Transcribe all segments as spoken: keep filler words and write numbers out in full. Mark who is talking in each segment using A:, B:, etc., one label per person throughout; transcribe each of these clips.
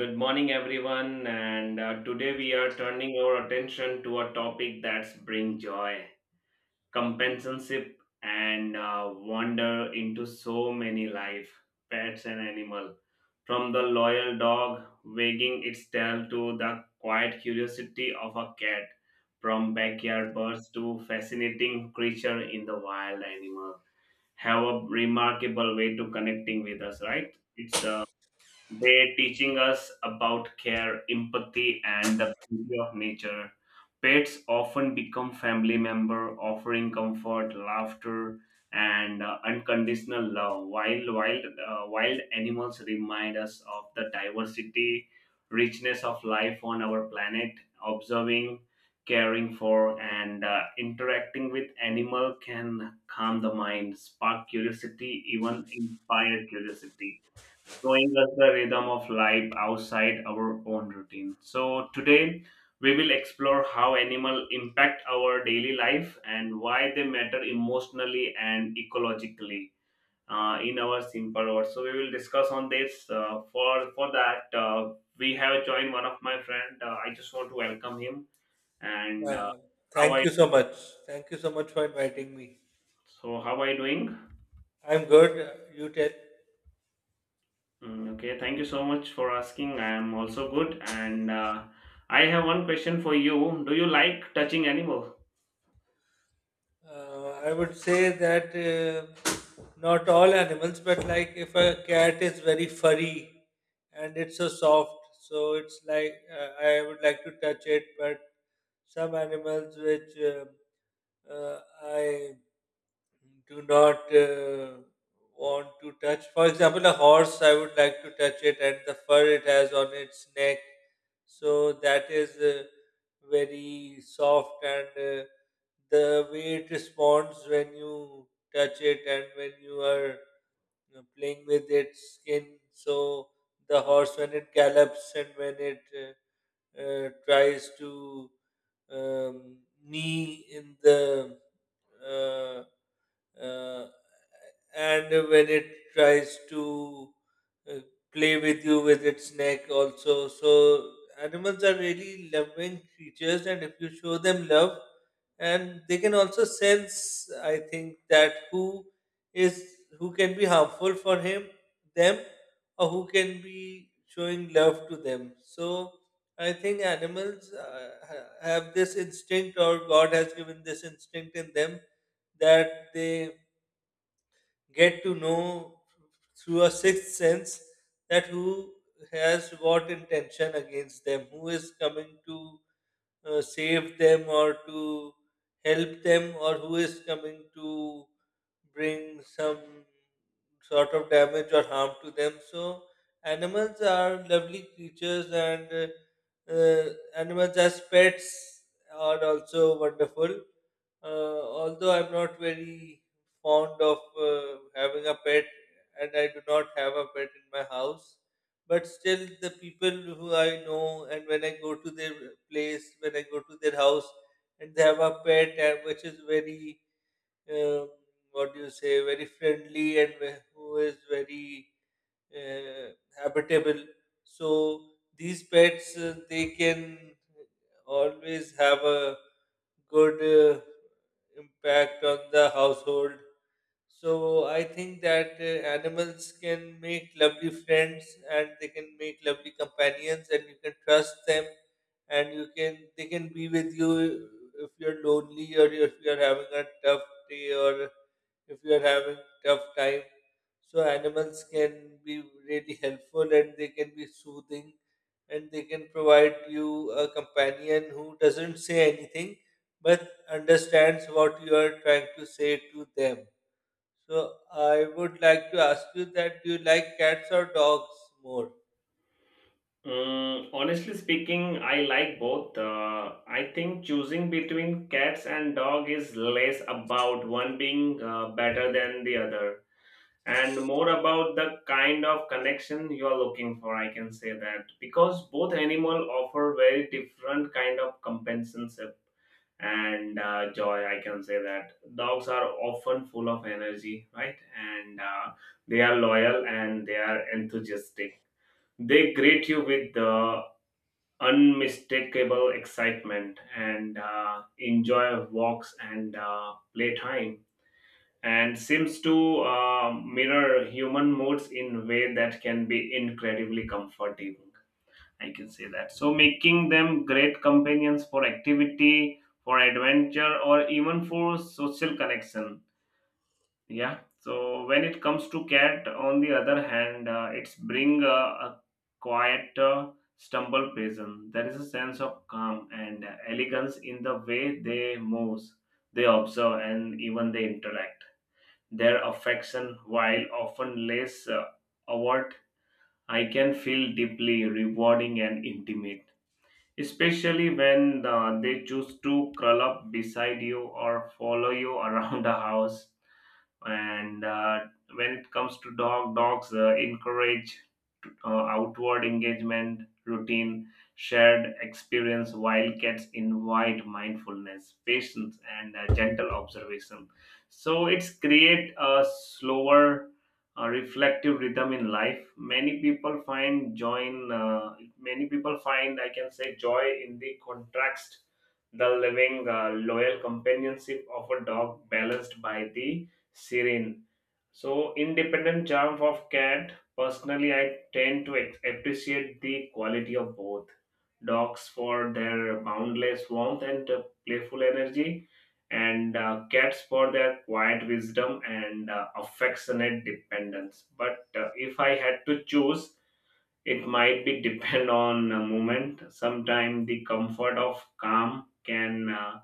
A: Good morning, everyone. And uh, Today we are turning our attention to a topic that's bring joy, companionship, and uh, wander into so many life, pets and animal. From the loyal dog wagging its tail to the quiet curiosity of a cat, from backyard birds to fascinating creature in the wild animal, have a remarkable way to connecting with us, right? It's uh, They're teaching us about care, empathy, and the beauty of nature. Pets often become family member, offering comfort, laughter, and uh, unconditional love. While wild uh, wild animals remind us of the diversity, richness of life on our planet. Observing, caring for, and uh, interacting with animal can calm the mind, spark curiosity, even inspire curiosity showing us the rhythm of life outside our own routine. So today we will explore how animals impact our daily life and why they matter emotionally and ecologically uh, in our simple words. So we will discuss on this. Uh, for for that uh, we have joined one of my friend. Uh, I just want to welcome him and uh,
B: Uh,
A: how
B: Thank
A: I
B: you so much. Thank you so much for inviting me.
A: so how are you doing?
B: I'm good. Uh, You tell.
A: Mm, okay, thank you so much for asking. I am also good, and uh, I have one question for you. Do you like touching animal?
B: Uh, I would say that uh, not all animals, but like if a cat is very furry and it's so soft, so it's like uh, I would like to touch it. But some animals which uh, uh, I do not uh, want to touch. For example, a horse, I would like to touch it and the fur it has on its neck. So that is uh, very soft and uh, the way it responds when you touch it and when you are you playing with its skin. So the horse, when it gallops and when it uh, uh, tries to um, knee in the uh, uh, and when it tries to uh, play with you with its neck also, so animals are really loving creatures, and if you show them love, and they can also sense, I think, that who is who can be harmful for him them, or who can be showing love to them. So I think animals uh, ha- have this instinct, or god has given this instinct in them, that they get to know through a sixth sense that who has what intention against them, who is coming to uh, save them or to help them, or who is coming to bring some sort of damage or harm to them. So, animals are lovely creatures, and uh, uh, animals as pets are also wonderful. Uh, although I'm not very fond of uh, having a pet, and I do not have a pet in my house, but still, the people who I know, and when I go to their place, when I go to their house, and they have a pet and which is very, um, what do you say, very friendly and wh- who is very uh, habitable. So these pets, uh, they can always have a good. Uh, impact on the household. So I think that uh, animals can make lovely friends, and they can make lovely companions, and you can trust them, and you can they can be with you if you're lonely, or if you're having a tough day, or if you are having tough time. So animals can be really helpful, and they can be soothing, and they can provide you a companion who doesn't say anything but understands what you are trying to say to them. So I would like to ask you that do you like cats or dogs more?
A: Mm, honestly speaking, I like both. Uh, I think choosing between cats and dog is less about one being uh, better than the other, and more about the kind of connection you are looking for. I can say that because both animal offer very different kind of compensation and uh, joy. I can say that dogs are often full of energy, right? And uh, they are loyal and they are enthusiastic. They greet you with the unmistakable excitement and uh, enjoy walks and uh, playtime, and seems to uh, mirror human moods in a way that can be incredibly comforting, I can say that. So making them great companions for activity, for adventure, or even for social connection. Yeah. So when it comes to cat, on the other hand, uh, it's bring a, a quiet uh, stumble prison. There is a sense of calm and elegance in the way they move, they observe, and even they interact. Their affection, while often less uh, overt, I can feel deeply rewarding and intimate, especially when uh, they choose to curl up beside you or follow you around the house. And uh, when it comes to dog dogs uh, encourage uh, outward engagement routine, shared experience, while cats invite mindfulness, patience, and uh, gentle observation. So it's create a slower uh, reflective rhythm in life. Many people find joy in uh, many people find, I can say, joy in the contrast, the living uh, loyal companionship of a dog balanced by the serene. So, independent charm of cat, personally, I tend to ex- appreciate the quality of both, dogs for their boundless warmth and uh, playful energy, and uh, cats for their quiet wisdom and uh, affectionate dependence. But uh, if I had to choose, it might be depend on a moment. Sometimes the comfort of calm can uh,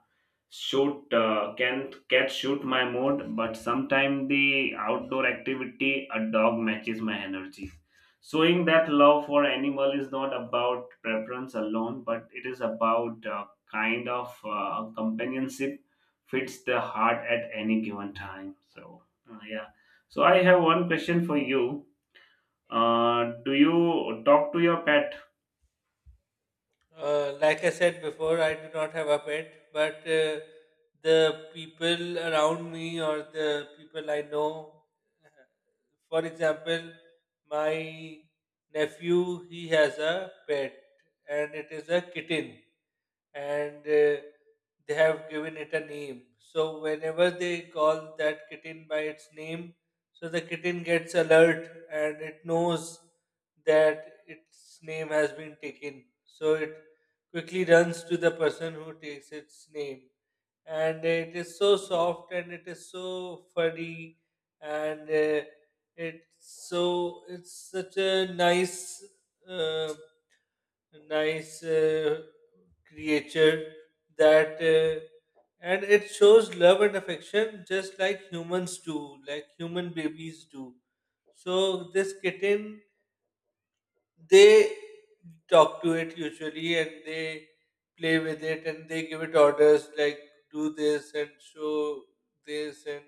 A: shoot uh, can cat shoot my mood, but sometimes the outdoor activity a dog matches my energy. Showing that love for animal is not about preference alone, but it is about uh, kind of uh, companionship fits the heart at any given time. So uh, yeah. So I have one question for you. Uh, do you talk to your pet?
B: Uh, like I said before, I do not have a pet, but uh, the people around me or the people I know, for example, my nephew, he has a pet, and it is a kitten, and uh, they have given it a name. So whenever they call that kitten by its name, so the kitten gets alert and it knows that its name has been taken. So it quickly runs to the person who takes its name. And it is so soft and it is so furry, and uh, it's so it's such a nice uh, nice uh, creature, that uh, and it shows love and affection just like humans do, like human babies do. So this kitten, they talk to it usually, and they play with it, and they give it orders like do this and show this and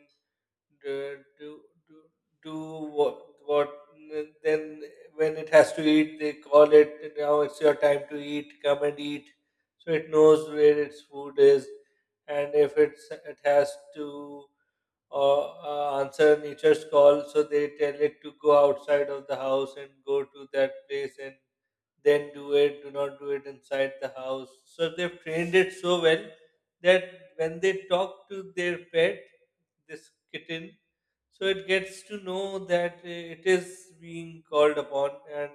B: do do do do what what then when it has to eat, they call it, now it's your time to eat, come and eat. So it knows where its food is, and if it's it has to uh, uh, answer nature's call, so they tell it to go outside of the house and go to that place and then do it, do not do it inside the house. So they've trained it so well that when they talk to their pet, this kitten, so it gets to know that uh, it is being called upon, and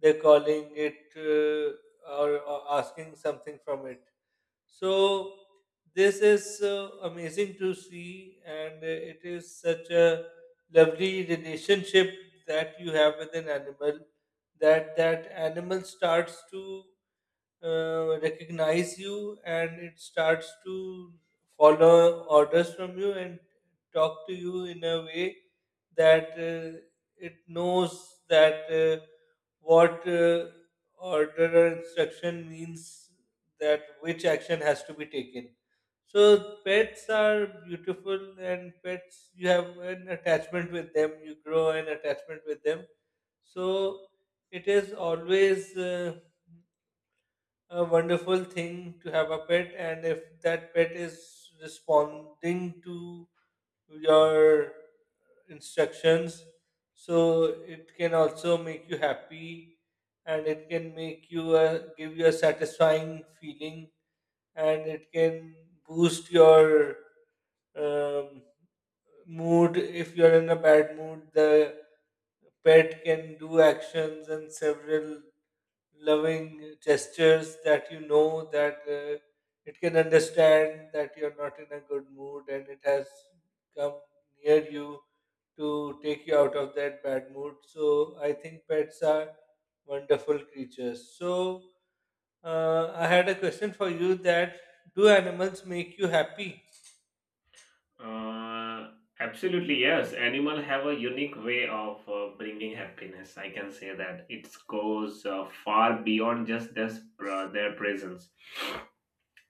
B: they're calling it uh, or, or asking something from it. So this is so amazing to see, and uh, it is such a lovely relationship that you have with an animal. That that animal starts to uh, recognize you, and it starts to follow orders from you and talk to you in a way that uh, it knows that. Uh, what uh, order or instruction means, that which action has to be taken. So pets are beautiful, and pets you have an attachment with them. You grow an attachment with them. So it is always uh, a wonderful thing to have a pet, and if that pet is responding to your instructions, so it can also make you happy, and it can make you a, give you a satisfying feeling, and it can boost your um, mood. If you're in a bad mood, the pet can do actions and several loving gestures that you know that uh, it can understand that you're not in a good mood and it has come near you to take you out of that bad mood. So I think pets are wonderful creatures. So uh, I had a question for you that do animals make you happy?
A: Uh, absolutely, yes. Animal have a unique way of uh, bringing happiness. I can say that it goes uh, far beyond just this, uh, their presence.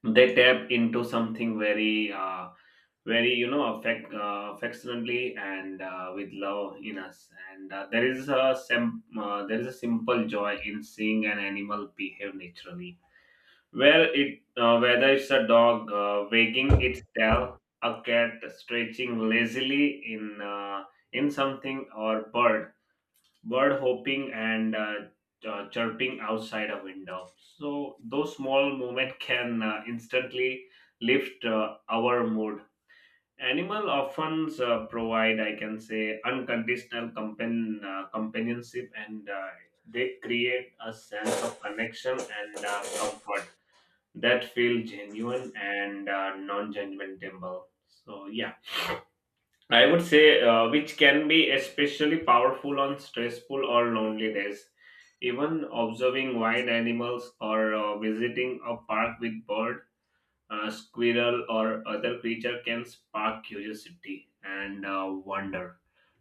A: They tap into something very, uh, very, you know, affect uh, affectionately and uh, with love in us. And uh, there is a sim- uh, there is a simple joy in seeing an animal behave naturally. Where it, uh, whether it's a dog uh, wagging its tail, a cat stretching lazily in uh, in something, or bird bird hopping and uh, uh, chirping outside a window. So those small movement can uh, instantly lift uh, our mood. Animal often uh, provide, I can say, unconditional companion, uh, companionship, and uh, they create a sense of connection and uh, comfort that feel genuine and uh, non-judgmental. So yeah, I would say uh, which can be especially powerful on stressful or lonely days. Even observing wild animals or uh, visiting a park with bird, uh, squirrel, or other creature can spark curiosity and uh, wonder,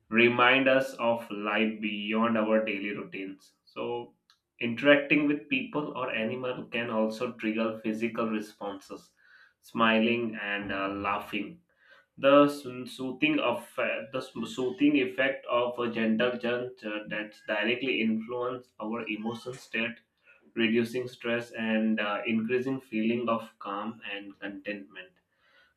A: remind us of life beyond our daily routines. So, interacting with people or animal can also trigger physical responses, smiling and uh, laughing. The so- soothing of uh, the so- soothing effect of a gentle nudge uh, that directly influence our emotion state, reducing stress and uh, increasing feeling of calm and contentment.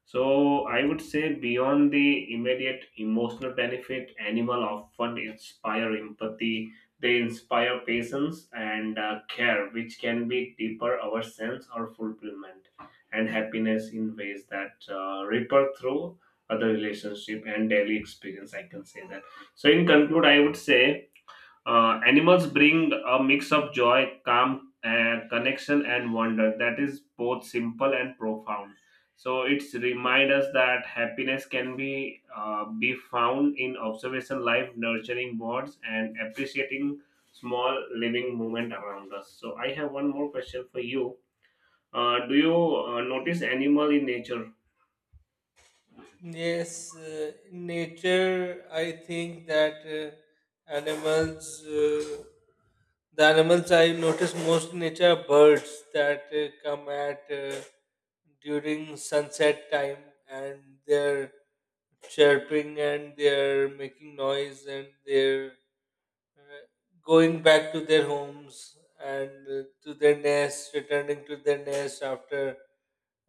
A: So I would say beyond the immediate emotional benefit, animal often inspire empathy. They inspire patience and uh, care, which can be deeper our sense or fulfillment and happiness in ways that uh, ripple through other relationship and daily experience, I can say that. So in conclude, I would say uh, animals bring a mix of joy, calm, uh, connection, and wonder that is both simple and profound. So it's remind us that happiness can be uh, be found in observation, life, nurturing words, and appreciating small living moment around us. So I have one more question for you. Uh, do you uh, notice animal in nature?
B: Yes, uh, in nature. I think that uh, animals, uh, the animals I notice most in nature are birds that uh, come at uh, during sunset time, and they're chirping and they're making noise and they're uh, going back to their homes and uh, to their nests, returning to their nest after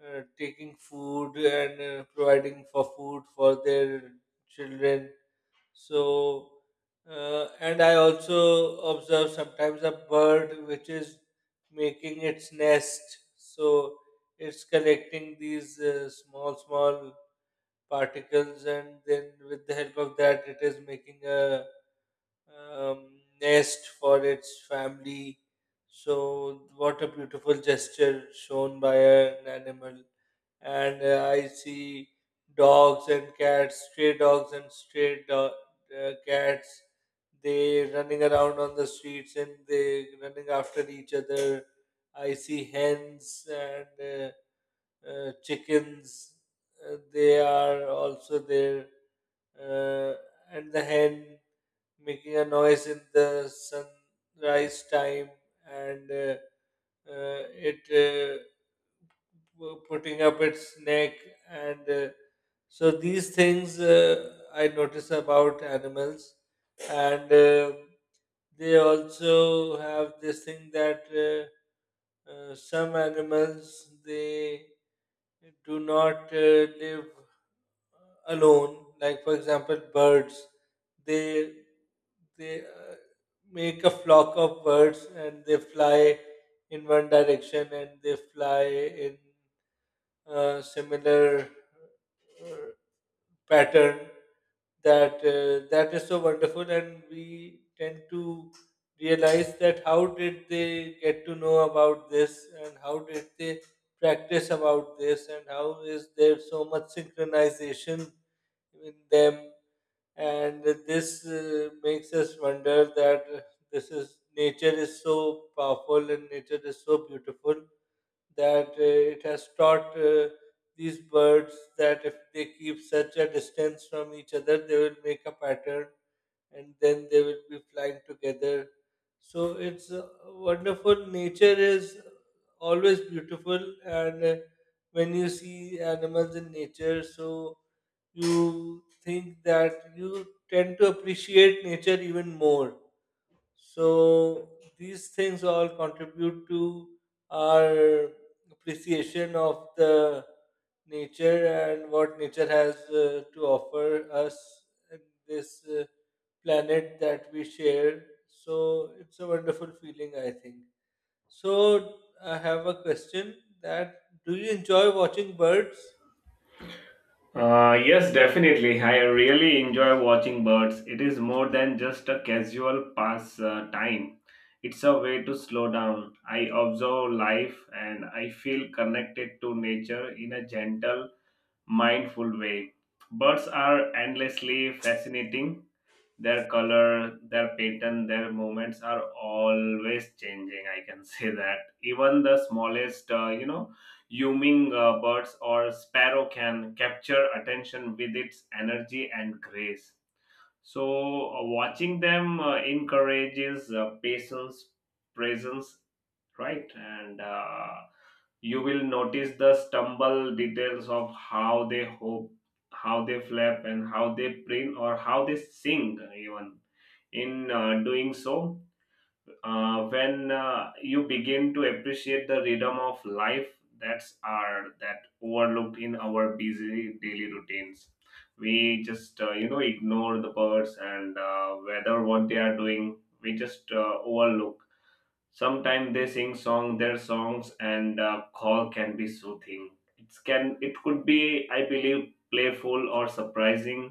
B: uh, taking food and uh, providing for food for their children. So, uh, and I also observe sometimes a bird which is making its nest. So, it's collecting these uh, small, small particles, and then with the help of that, it is making a um, nest for its family. So, what a beautiful gesture shown by an animal. And uh, I see dogs and cats, stray dogs and stray do- uh, cats, they running around on the streets and they running after each other. I see hens and uh, uh, chickens. Uh, they are also there, uh, and the hen making a noise in the sunrise time, and uh, uh, it uh, pu- putting up its neck, and uh, so these things uh, I notice about animals. And uh, they also have this thing that uh, uh, some animals they do not uh, live alone, like for example birds, they they uh, make a flock of birds, and they fly in one direction, and they fly in a similar uh, pattern, that uh, that is so wonderful, and we tend to realize that how did they get to know about this, and how did they practice about this, and how is there so much synchronization in them. And this uh, makes us wonder that uh, this is nature is so powerful and nature is so beautiful, that uh, it has taught uh, these birds that if they keep such a distance from each other, they will make a pattern, and then they will be flying together. So it's uh, wonderful. Nature is always beautiful, and uh, when you see animals in nature, so you think that you tend to appreciate nature even more. So these things all contribute to our appreciation of the nature, and what nature has uh, to offer us in this uh, planet that we share. So it's a wonderful feeling, I think. So I have a question that do you enjoy watching birds?
A: Uh, yes, definitely. I really enjoy watching birds. It is more than just a casual pass uh, time. It's a way to slow down. I observe life and I feel connected to nature in a gentle, mindful way. Birds are endlessly fascinating. Their color, their pattern, their movements are always changing, I can say that. Even the smallest, uh, you know, humming uh, birds or sparrow can capture attention with its energy and grace. So, uh, watching them uh, encourages uh, patience, presence, right? And uh, you will notice the stumble details of how they hope, how they flap, and how they print or how they sing, even. In uh, doing so, uh, when uh, you begin to appreciate the rhythm of life that's our that overlooked in our busy daily routines. We just uh, you know, ignore the birds and uh, whether what they are doing, we just uh, overlook. Sometimes they sing song their songs and uh, call can be soothing. It can, it could be, I believe, playful or surprising,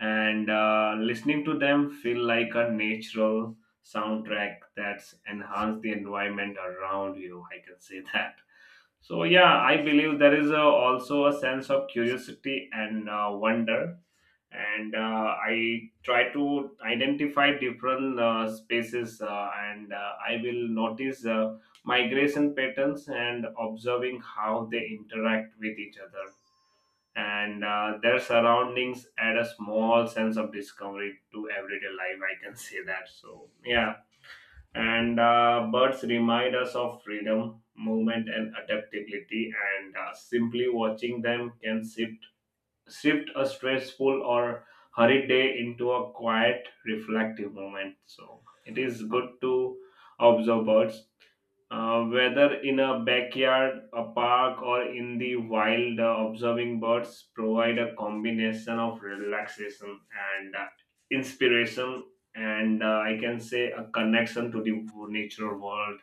A: and uh, listening to them feel like a natural soundtrack that's enhance the environment around you, I can say that. So yeah, I believe there is a, also a sense of curiosity and uh, wonder, and uh, I try to identify different uh, spaces, uh, and uh, I will notice uh, migration patterns, and observing how they interact with each other and uh, their surroundings add a small sense of discovery to everyday life, I can say that. So yeah, and uh, birds remind us of freedom, movement, and adaptability, and uh, simply watching them can shift shift a stressful or hurried day into a quiet, reflective moment. So it is good to observe birds, uh, whether in a backyard, a park, or in the wild. Uh, observing birds provide a combination of relaxation and uh, inspiration, and uh, I can say a connection to the natural world.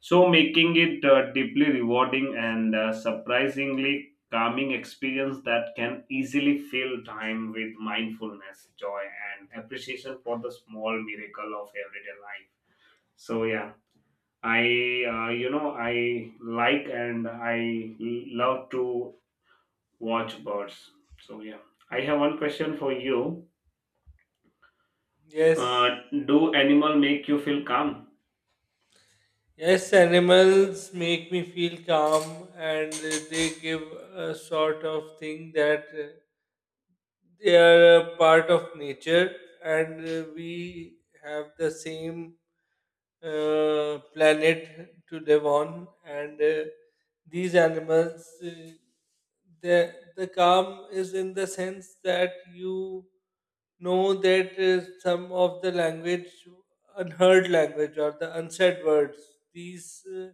A: So, making it uh, deeply rewarding and uh, surprisingly calming experience that can easily fill time with mindfulness, joy, and appreciation for the small miracle of everyday life. So, yeah, I, uh, you know, I like and I love to watch birds. So yeah, I have one question for you.
B: Yes.
A: Uh, do animal make you feel calm?
B: Yes, animals make me feel calm, and uh, they give a sort of thing that uh, they are a part of nature, and uh, we have the same uh, planet to live on, and uh, these animals, uh, the the calm is in the sense that you know that uh, some of the language, unheard language or the unsaid words, these uh,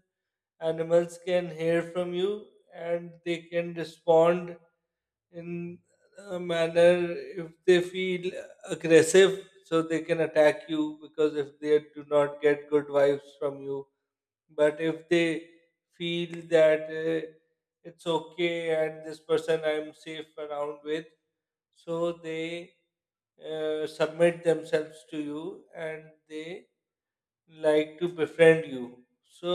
B: animals can hear from you, and they can respond in uh, manner. If they feel aggressive, so they can attack you, because if they do not get good vibes from you. But if they feel that uh, it's okay and this person I'm safe around with, so they uh, submit themselves to you, and they like to befriend you. So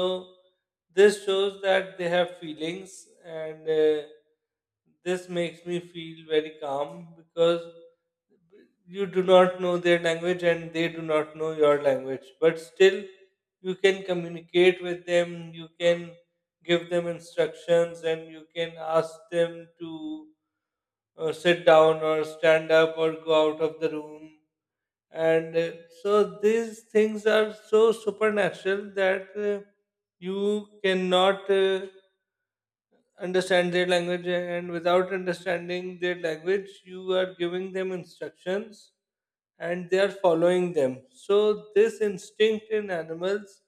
B: this shows that they have feelings, and uh, this makes me feel very calm, because you do not know their language and they do not know your language, but still you can communicate with them, you can give them instructions, and you can ask them to uh, sit down or stand up or go out of the room. And uh, so these things are so supernatural that uh, you cannot uh, understand their language, and without understanding their language you are giving them instructions, and they are following them. So this instinct in animals,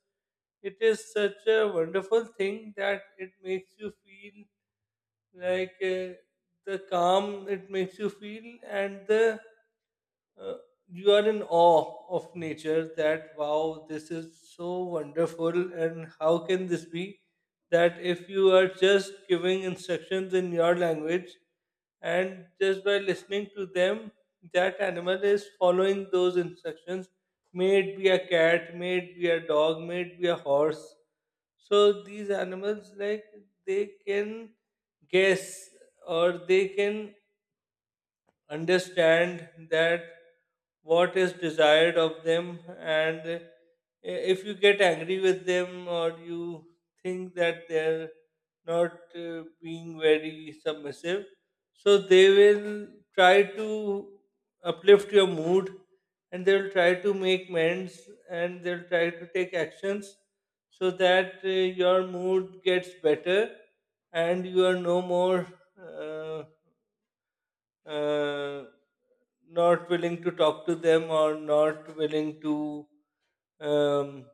B: it is such a wonderful thing that it makes you feel like uh, the calm. It makes you feel, and the uh, you are in awe of nature, that wow, this is so wonderful, and how can this be that if you are just giving instructions in your language, and just by listening to them, that animal is following those instructions, may it be a cat, may it be a dog, may it be a horse. So these animals, like, they can guess, or they can understand that what is desired of them. And i- if you get angry with them, or you think that they're not uh, being very submissive, so they will try to uplift your mood, and they will try to make amends, and they'll try to take actions so that uh, your mood gets better, and you are no more uh, uh, not willing to talk to them or not willing to um,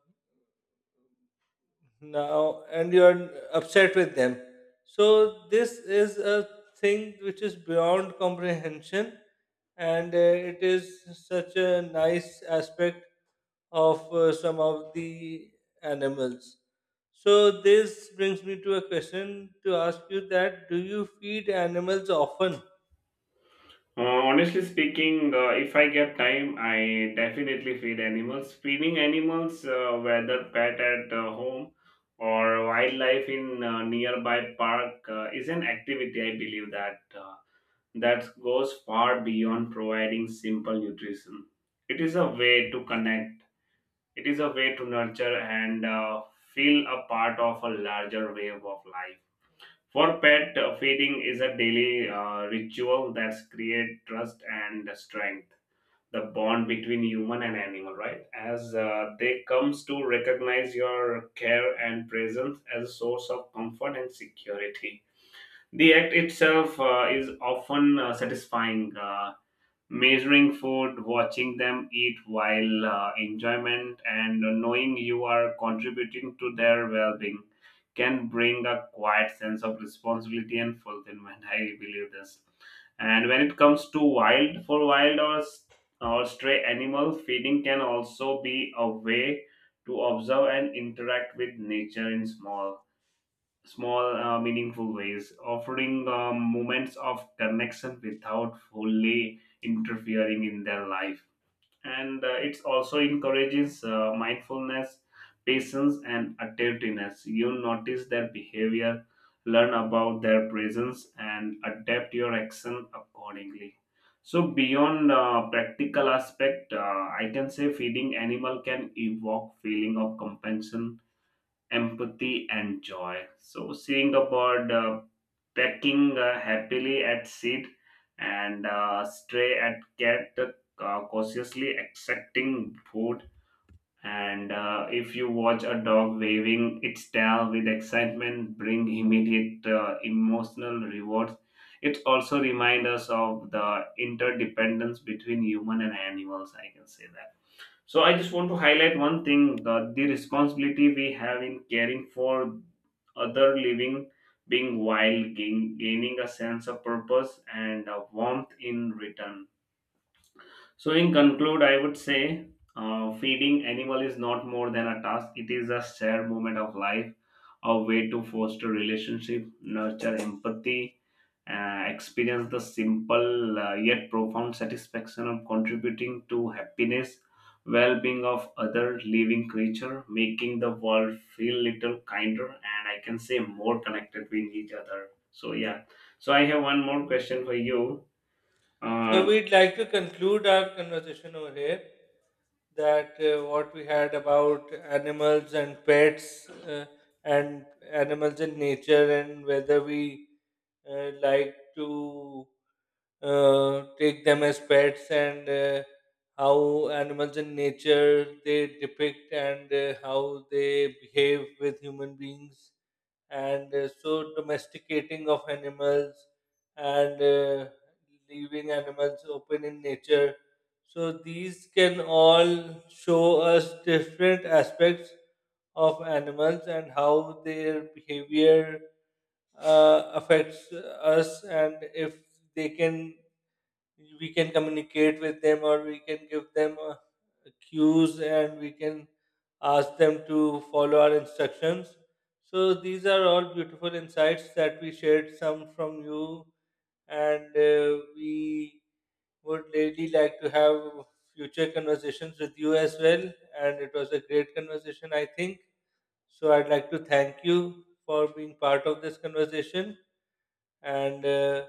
B: now, and you're upset with them. So, this is a thing which is beyond comprehension, and uh, it is such a nice aspect of uh, some of the animals. So, this brings me to a question to ask you that do you feed animals often?
A: Uh, honestly speaking, uh, if I get time, I definitely feed animals. Feeding animals, uh, whether pet at uh, home or wildlife in uh, nearby park, uh, is an activity I believe that uh, that goes far beyond providing simple nutrition. It is a way to connect, it is a way to nurture and uh, feel a part of a larger wave of life. For pet, uh, feeding is a daily uh, ritual that's create trust and strength, the bond between human and animal, right? As uh, they comes to recognize your care and presence as a source of comfort and security. The act itself uh, is often uh, satisfying. Uh, measuring food, watching them eat while uh, enjoyment, and knowing you are contributing to their well being can bring a quiet sense of responsibility and fulfillment. I believe this. And when it comes to wild, for wild or, s- or stray animal, feeding can also be a way to observe and interact with nature in small small, uh, meaningful ways, offering um, moments of connection without fully interfering in their life. And uh, it also encourages uh, mindfulness, patience, and attentiveness. You notice their behavior, learn about their presence, and adapt your action accordingly. So beyond uh, practical aspect, uh, I can say feeding animal can evoke feeling of compassion, empathy, and joy. So, seeing a bird uh, pecking uh, happily at seed and uh, stray at cat uh, cautiously accepting food. And uh, if you watch a dog waving its tail with excitement, bring immediate uh, emotional rewards. It also reminds us of the interdependence between human and animals, I can say that. So I just want to highlight one thing: the, the responsibility we have in caring for other living being while gain, gaining a sense of purpose and a warmth in return. So, in conclude, I would say uh, feeding animal is not more than a task. It is a shared moment of life, a way to foster relationship, nurture empathy, uh, experience the simple uh, yet profound satisfaction of contributing to happiness, well-being of other living creature, making the world feel little kinder and I can say more connected with each other. So yeah. So I have one more question for you.
B: So
A: Uh,
B: we'd like to conclude our conversation over here, that uh, what we had about animals and pets, uh, and animals in nature, and whether we uh, like to uh, take them as pets, and uh, how animals in nature they depict and uh, how they behave with human beings, and uh, so domesticating of animals, and uh, leaving animals open in nature. So these can all show us different aspects of animals, and how their behavior uh, affects us, and if they can we can communicate with them, or we can give them uh, cues, and we can ask them to follow our instructions. So these are all beautiful insights that we shared some from you, and uh, we would really like to have future conversations with you as well, and it was a great conversation, I think. So I'd like to thank you for being part of this conversation, and uh,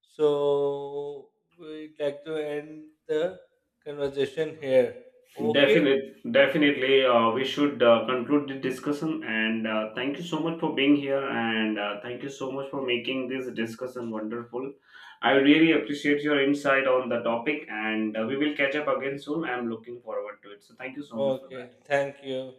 B: so we'd like to end the conversation here. Okay.
A: Definite, definitely. Uh, we should uh, conclude the discussion. And uh, thank you so much for being here. And uh, thank you so much for making this discussion wonderful. I really appreciate your insight on the topic. And uh, we will catch up again soon. I'm looking forward to it. So thank you so much for that.
B: Okay. Thank you.